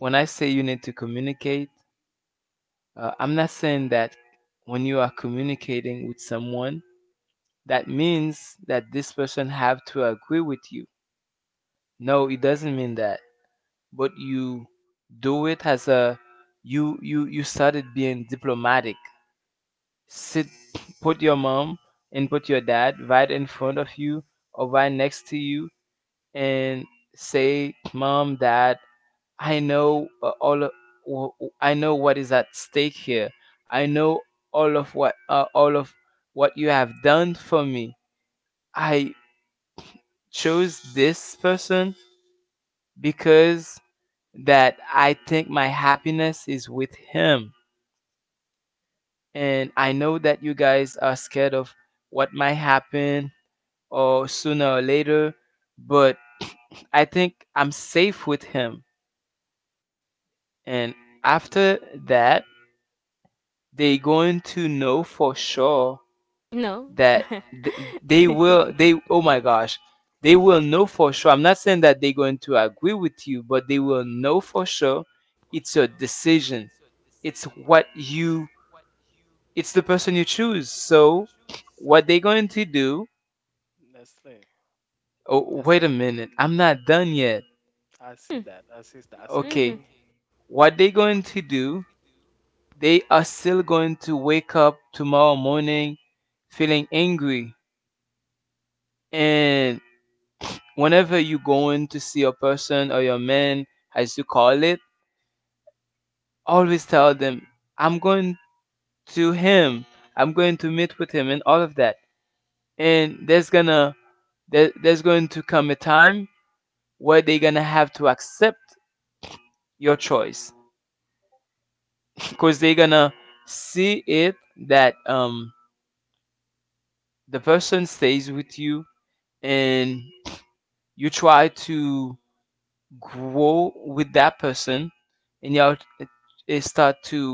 Speaker 1: When I say you need to communicate, I'm not saying that when you are communicating with someone, that means that this person have to agree with you. No, it doesn't mean that. But you do it as a, you started being diplomatic. Sit, put your mom and put your dad right in front of you or right next to you, and say, "Mom, Dad, I know, all. Of, I know what is at stake here. I know all of what, all of what you have done for me. I chose this person because that I think my happiness is with him. And I know that you guys are scared of what might happen or sooner or later, but I think I'm safe with him. And after that, they going to know for sure
Speaker 2: no
Speaker 1: that, th- they will, they oh my gosh, they will know for sure. I'm not saying that they're going to agree with you, but they will know for sure it's your decision. It's what you, it's the person you choose. So what they going to do?
Speaker 3: Nestle,
Speaker 1: Oh, wait a
Speaker 3: Nestle.
Speaker 1: minute. I'm not done yet.
Speaker 3: I see that. I see that. I see that.
Speaker 2: mm-hmm.
Speaker 1: Okay. What they going to do? They are still going to wake up tomorrow morning feeling angry. And whenever you going to see a person or your man, as you call it, always tell them, I'm going to him. I'm going to meet with him and all of that. And there, there's going to come a time where they're gonna have to accept your choice, because they're gonna see it, that, the person stays with you, and you try to grow with that person, and you start to,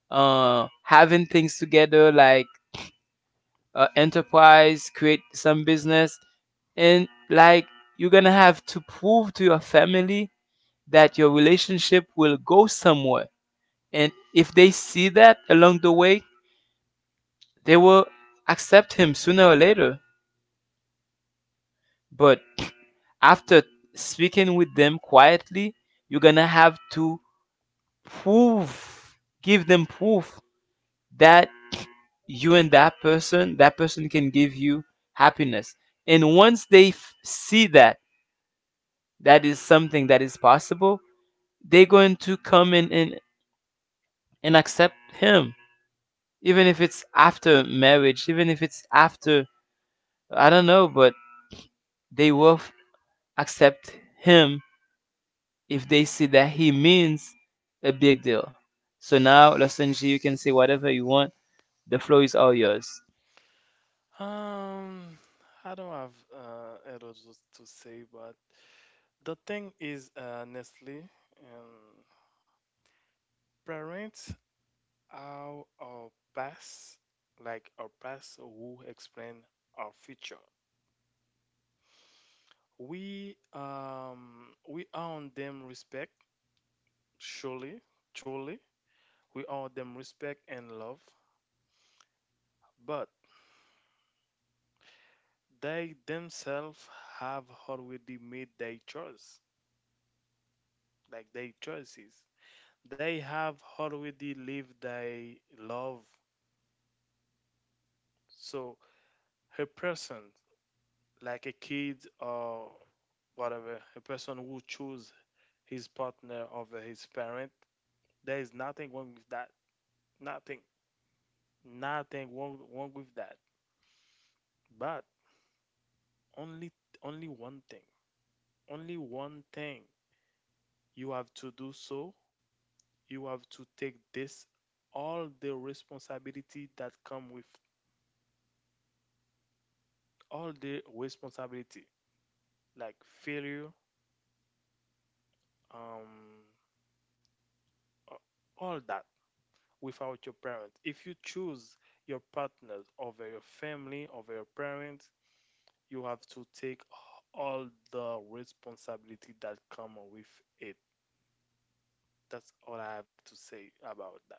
Speaker 1: having things together, like, enterprise, create some business. And like, you're gonna have to prove to your family that your relationship will go somewhere. And if they see that along the way, they will accept him sooner or later. But after speaking with them quietly, you're gonna have to prove, give them proof, that you and that person can give you happiness. And once they see that that is something that is possible, they're going to come in and accept him, even if it's after marriage, even if it's after, I don't know, but they will accept him if they see that he means a big deal. So now, Losanji, you can say whatever you want. The flow is all yours.
Speaker 3: Um, I don't have a lot to say, but the thing is, Nestle and parents are our past, like our past who explain our future. We owe them respect, surely, truly. We owe them respect and love, but they themselves have already made their choice, like their choices. They have already lived their love. So a person, like a kid or whatever, a person who choose his partner over his parent, there is nothing wrong with that. Nothing, nothing wrong, wrong with that. But only, only one thing, only one thing you have to do so. You have to take this all the responsibility that come with all the responsibility like failure um, a- all that without your parents. If you choose your partner over your family, over your parents, you have to take all the responsibility that come with it. That's all I have to say about that.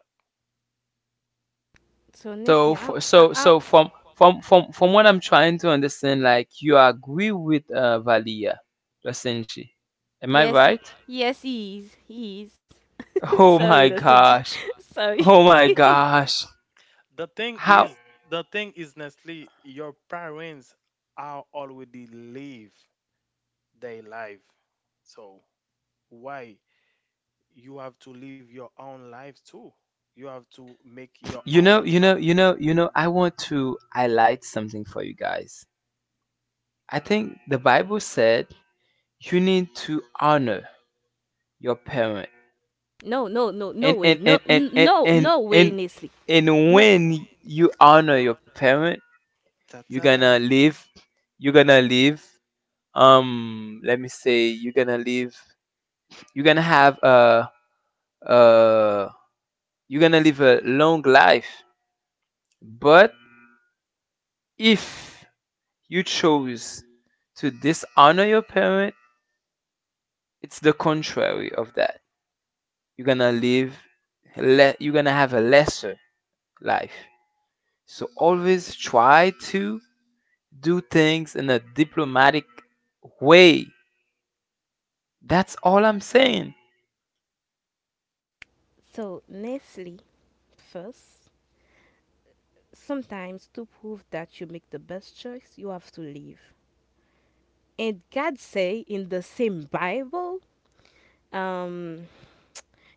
Speaker 2: So Nessie,
Speaker 1: So,
Speaker 2: I,
Speaker 1: for,
Speaker 2: I,
Speaker 1: so,
Speaker 2: I
Speaker 1: so from what I'm trying to understand, like you agree with, Valia, Losanji, am I
Speaker 2: yes he,
Speaker 1: right?
Speaker 2: yes he is.
Speaker 1: Oh
Speaker 2: sorry
Speaker 1: my
Speaker 2: that's a G
Speaker 1: gosh!
Speaker 2: sorry.
Speaker 1: Oh my gosh!
Speaker 3: The thing
Speaker 1: How
Speaker 3: is, the thing is, Nestle, your parents are already live their life. So why you have to live your own life too? You have to make your own choice.
Speaker 1: you know? I want to highlight something for you guys. I think the Bible said you need to honor your parent,
Speaker 2: No no no no
Speaker 1: and
Speaker 2: way
Speaker 1: and
Speaker 2: no
Speaker 1: and and
Speaker 2: n-
Speaker 1: and
Speaker 2: no
Speaker 1: and
Speaker 2: no
Speaker 1: and,
Speaker 2: way Nestle.
Speaker 1: and
Speaker 2: No.
Speaker 1: when you honor your parent,
Speaker 3: Da,
Speaker 1: you're
Speaker 3: da, da,
Speaker 1: gonna
Speaker 3: da.
Speaker 1: live you're gonna live let me say you're gonna live, you're gonna have a, uh you're gonna live a long life. But if you chose to dishonor your parent, it's the contrary of that. You're gonna live, you're gonna have a lesser life. So always try to do things in a diplomatic way. That's all I'm saying.
Speaker 2: So Nestle, first, sometimes to prove that you make the best choice, you have to leave. And God say in the same Bible, um,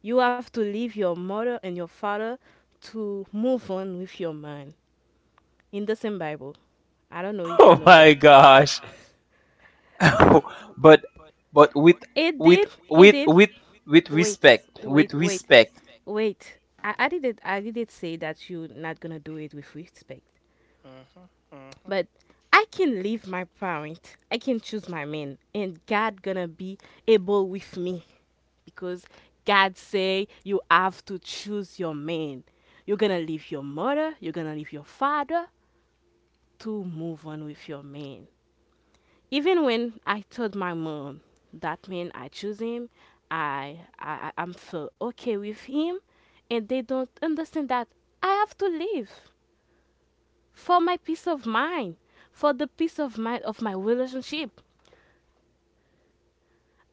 Speaker 2: you have to leave your mother and your father to move on with your mind. In the same Bible. I don't know if you
Speaker 1: Oh
Speaker 2: know
Speaker 1: my
Speaker 2: that.
Speaker 1: gosh. But, but with
Speaker 2: It
Speaker 1: with
Speaker 2: did. It
Speaker 1: with
Speaker 2: did.
Speaker 1: with with
Speaker 2: Wait,
Speaker 1: respect, with
Speaker 2: wait, wait,
Speaker 1: respect.
Speaker 2: wait. I didn't say that you're not gonna do it with respect.
Speaker 3: Mhm, mhm.
Speaker 2: But I can leave my parent. I can choose my man, and God gonna be able with me, because God say you have to choose your man. You're gonna leave your mother. You're gonna leave your father to move on with your man. Even when I told my mom that man I choose him, I'm feel okay with him, and they don't understand that I have to leave for my peace of mind, for the peace of mind of my relationship.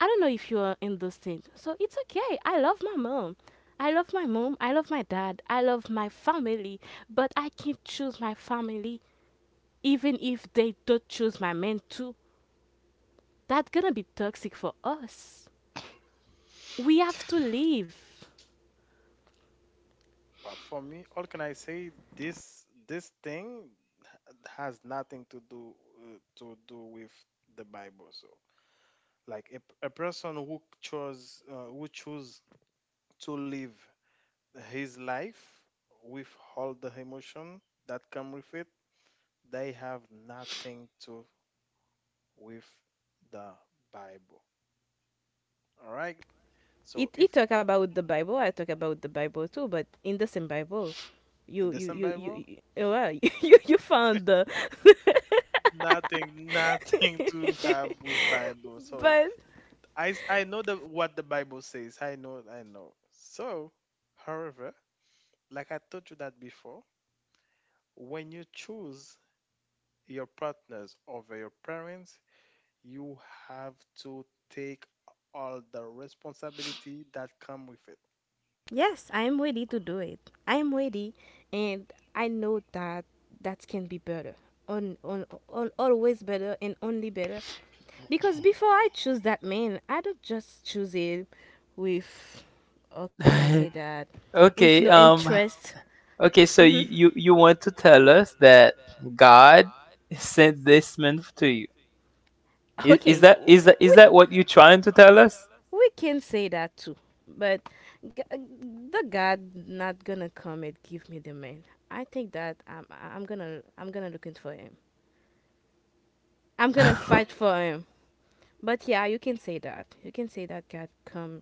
Speaker 2: I don't know if you are in those things. So it's okay. I love my mom. I love my mom. I love my dad. I love my family. But I can't choose my family even if they don't choose my man too. That's gonna be toxic for us. We have to live.
Speaker 3: But for me, all can I say? This thing has nothing to do with the Bible. So, like a person who chose who choose to live his life with all the emotion that come with it, they have nothing to with the Bible. All right.
Speaker 2: It
Speaker 3: So
Speaker 2: It
Speaker 3: if
Speaker 2: talk about the Bible. I talk about the Bible too, but in the same Bible, you
Speaker 3: and the
Speaker 2: you
Speaker 3: same
Speaker 2: you you
Speaker 3: Bible,
Speaker 2: you, well, you found the.
Speaker 3: nothing, nothing to have with Bible. So
Speaker 2: But
Speaker 3: I know the what the Bible says. I know, I know. So, however, like I told you that before, when you choose your partners over your parents, you have to take all the responsibility that come with it.
Speaker 2: yes, I am ready to do it. I am ready, and I know that that can be better, on always better and only better. Because before I choose that man, I don't just choose it with, how can I say that, with no
Speaker 1: Okay,
Speaker 2: interest.
Speaker 1: okay, so
Speaker 2: Mm-hmm.
Speaker 1: you want to tell us that God sent this man to you.
Speaker 2: Okay, w-
Speaker 1: Is
Speaker 2: we,
Speaker 1: that what you're trying to tell us?
Speaker 2: we can say that too, but g- uh, the God not gonna come and give me the man. I think that I'm gonna looking for him. I'm gonna fight for him. But yeah, you can say that. You can say that God come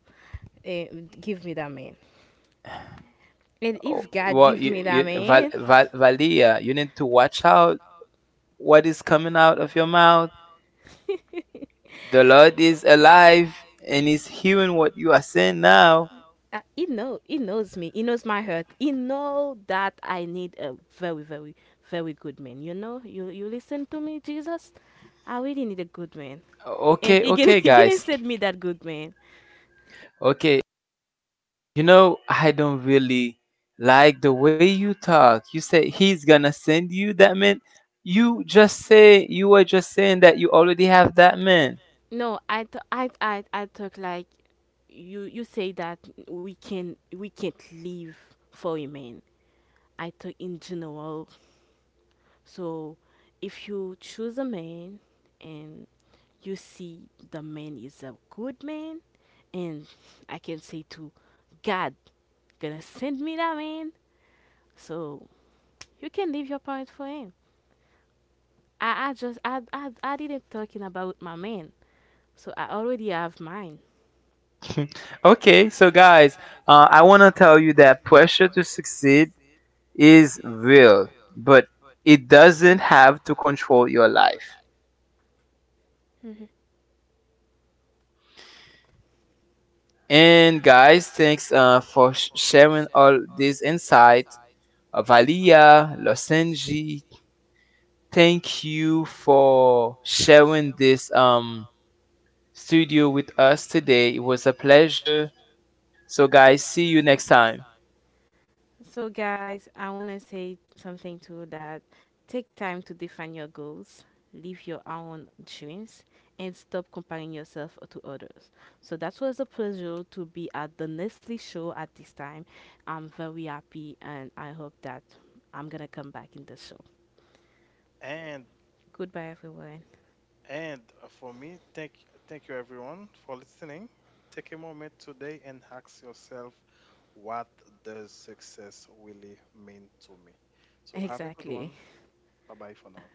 Speaker 2: and give me that man. And
Speaker 1: Oh,
Speaker 2: if God
Speaker 1: well,
Speaker 2: give
Speaker 1: you,
Speaker 2: me that
Speaker 1: you,
Speaker 2: man,
Speaker 1: Valia, you need to watch out what is coming out of your mouth. The Lord is alive and is hearing what you are saying now.
Speaker 2: he know, he knows me, he knows my hurt, he know that I need a very, very, very good man. You know, you listen to me, Jesus, I really need a good man, and
Speaker 1: Okay,
Speaker 2: he can
Speaker 1: okay,
Speaker 2: he can
Speaker 1: guys.
Speaker 2: send me that good man.
Speaker 1: Okay, you know, I don't really like the way you talk. You said he's gonna send you that meant. You just say, you were just saying that you already have that man.
Speaker 2: No I th- I thought like you say that we can't live for a man. I thought in general. So if you choose a man and you see the man is a good man, and I can say to God gonna send me that man, so you can leave your parent for him. I didn't talking about my man, so I already have mine.
Speaker 1: Okay, so guys, I wanna tell you that pressure to succeed is real, but it doesn't have to control your life.
Speaker 2: Hmm.
Speaker 1: And guys, thanks, for sharing all this insight. Valia, Losenji, thank you for sharing this, studio with us today. It was a pleasure. So guys, see you next time.
Speaker 2: So, guys, I want to say something too that. Take time to define your goals, live your own dreams, and stop comparing yourself to others. So, that was a pleasure to be at the Nestle show at this time. I'm very happy, and I hope that I'm going to come back in the show.
Speaker 3: And
Speaker 2: Goodbye, everyone.
Speaker 3: and, for me, thank you everyone for listening. Take a moment today and ask yourself, what does success really mean to me? So have a good
Speaker 2: Exactly.
Speaker 3: one. Bye bye for now.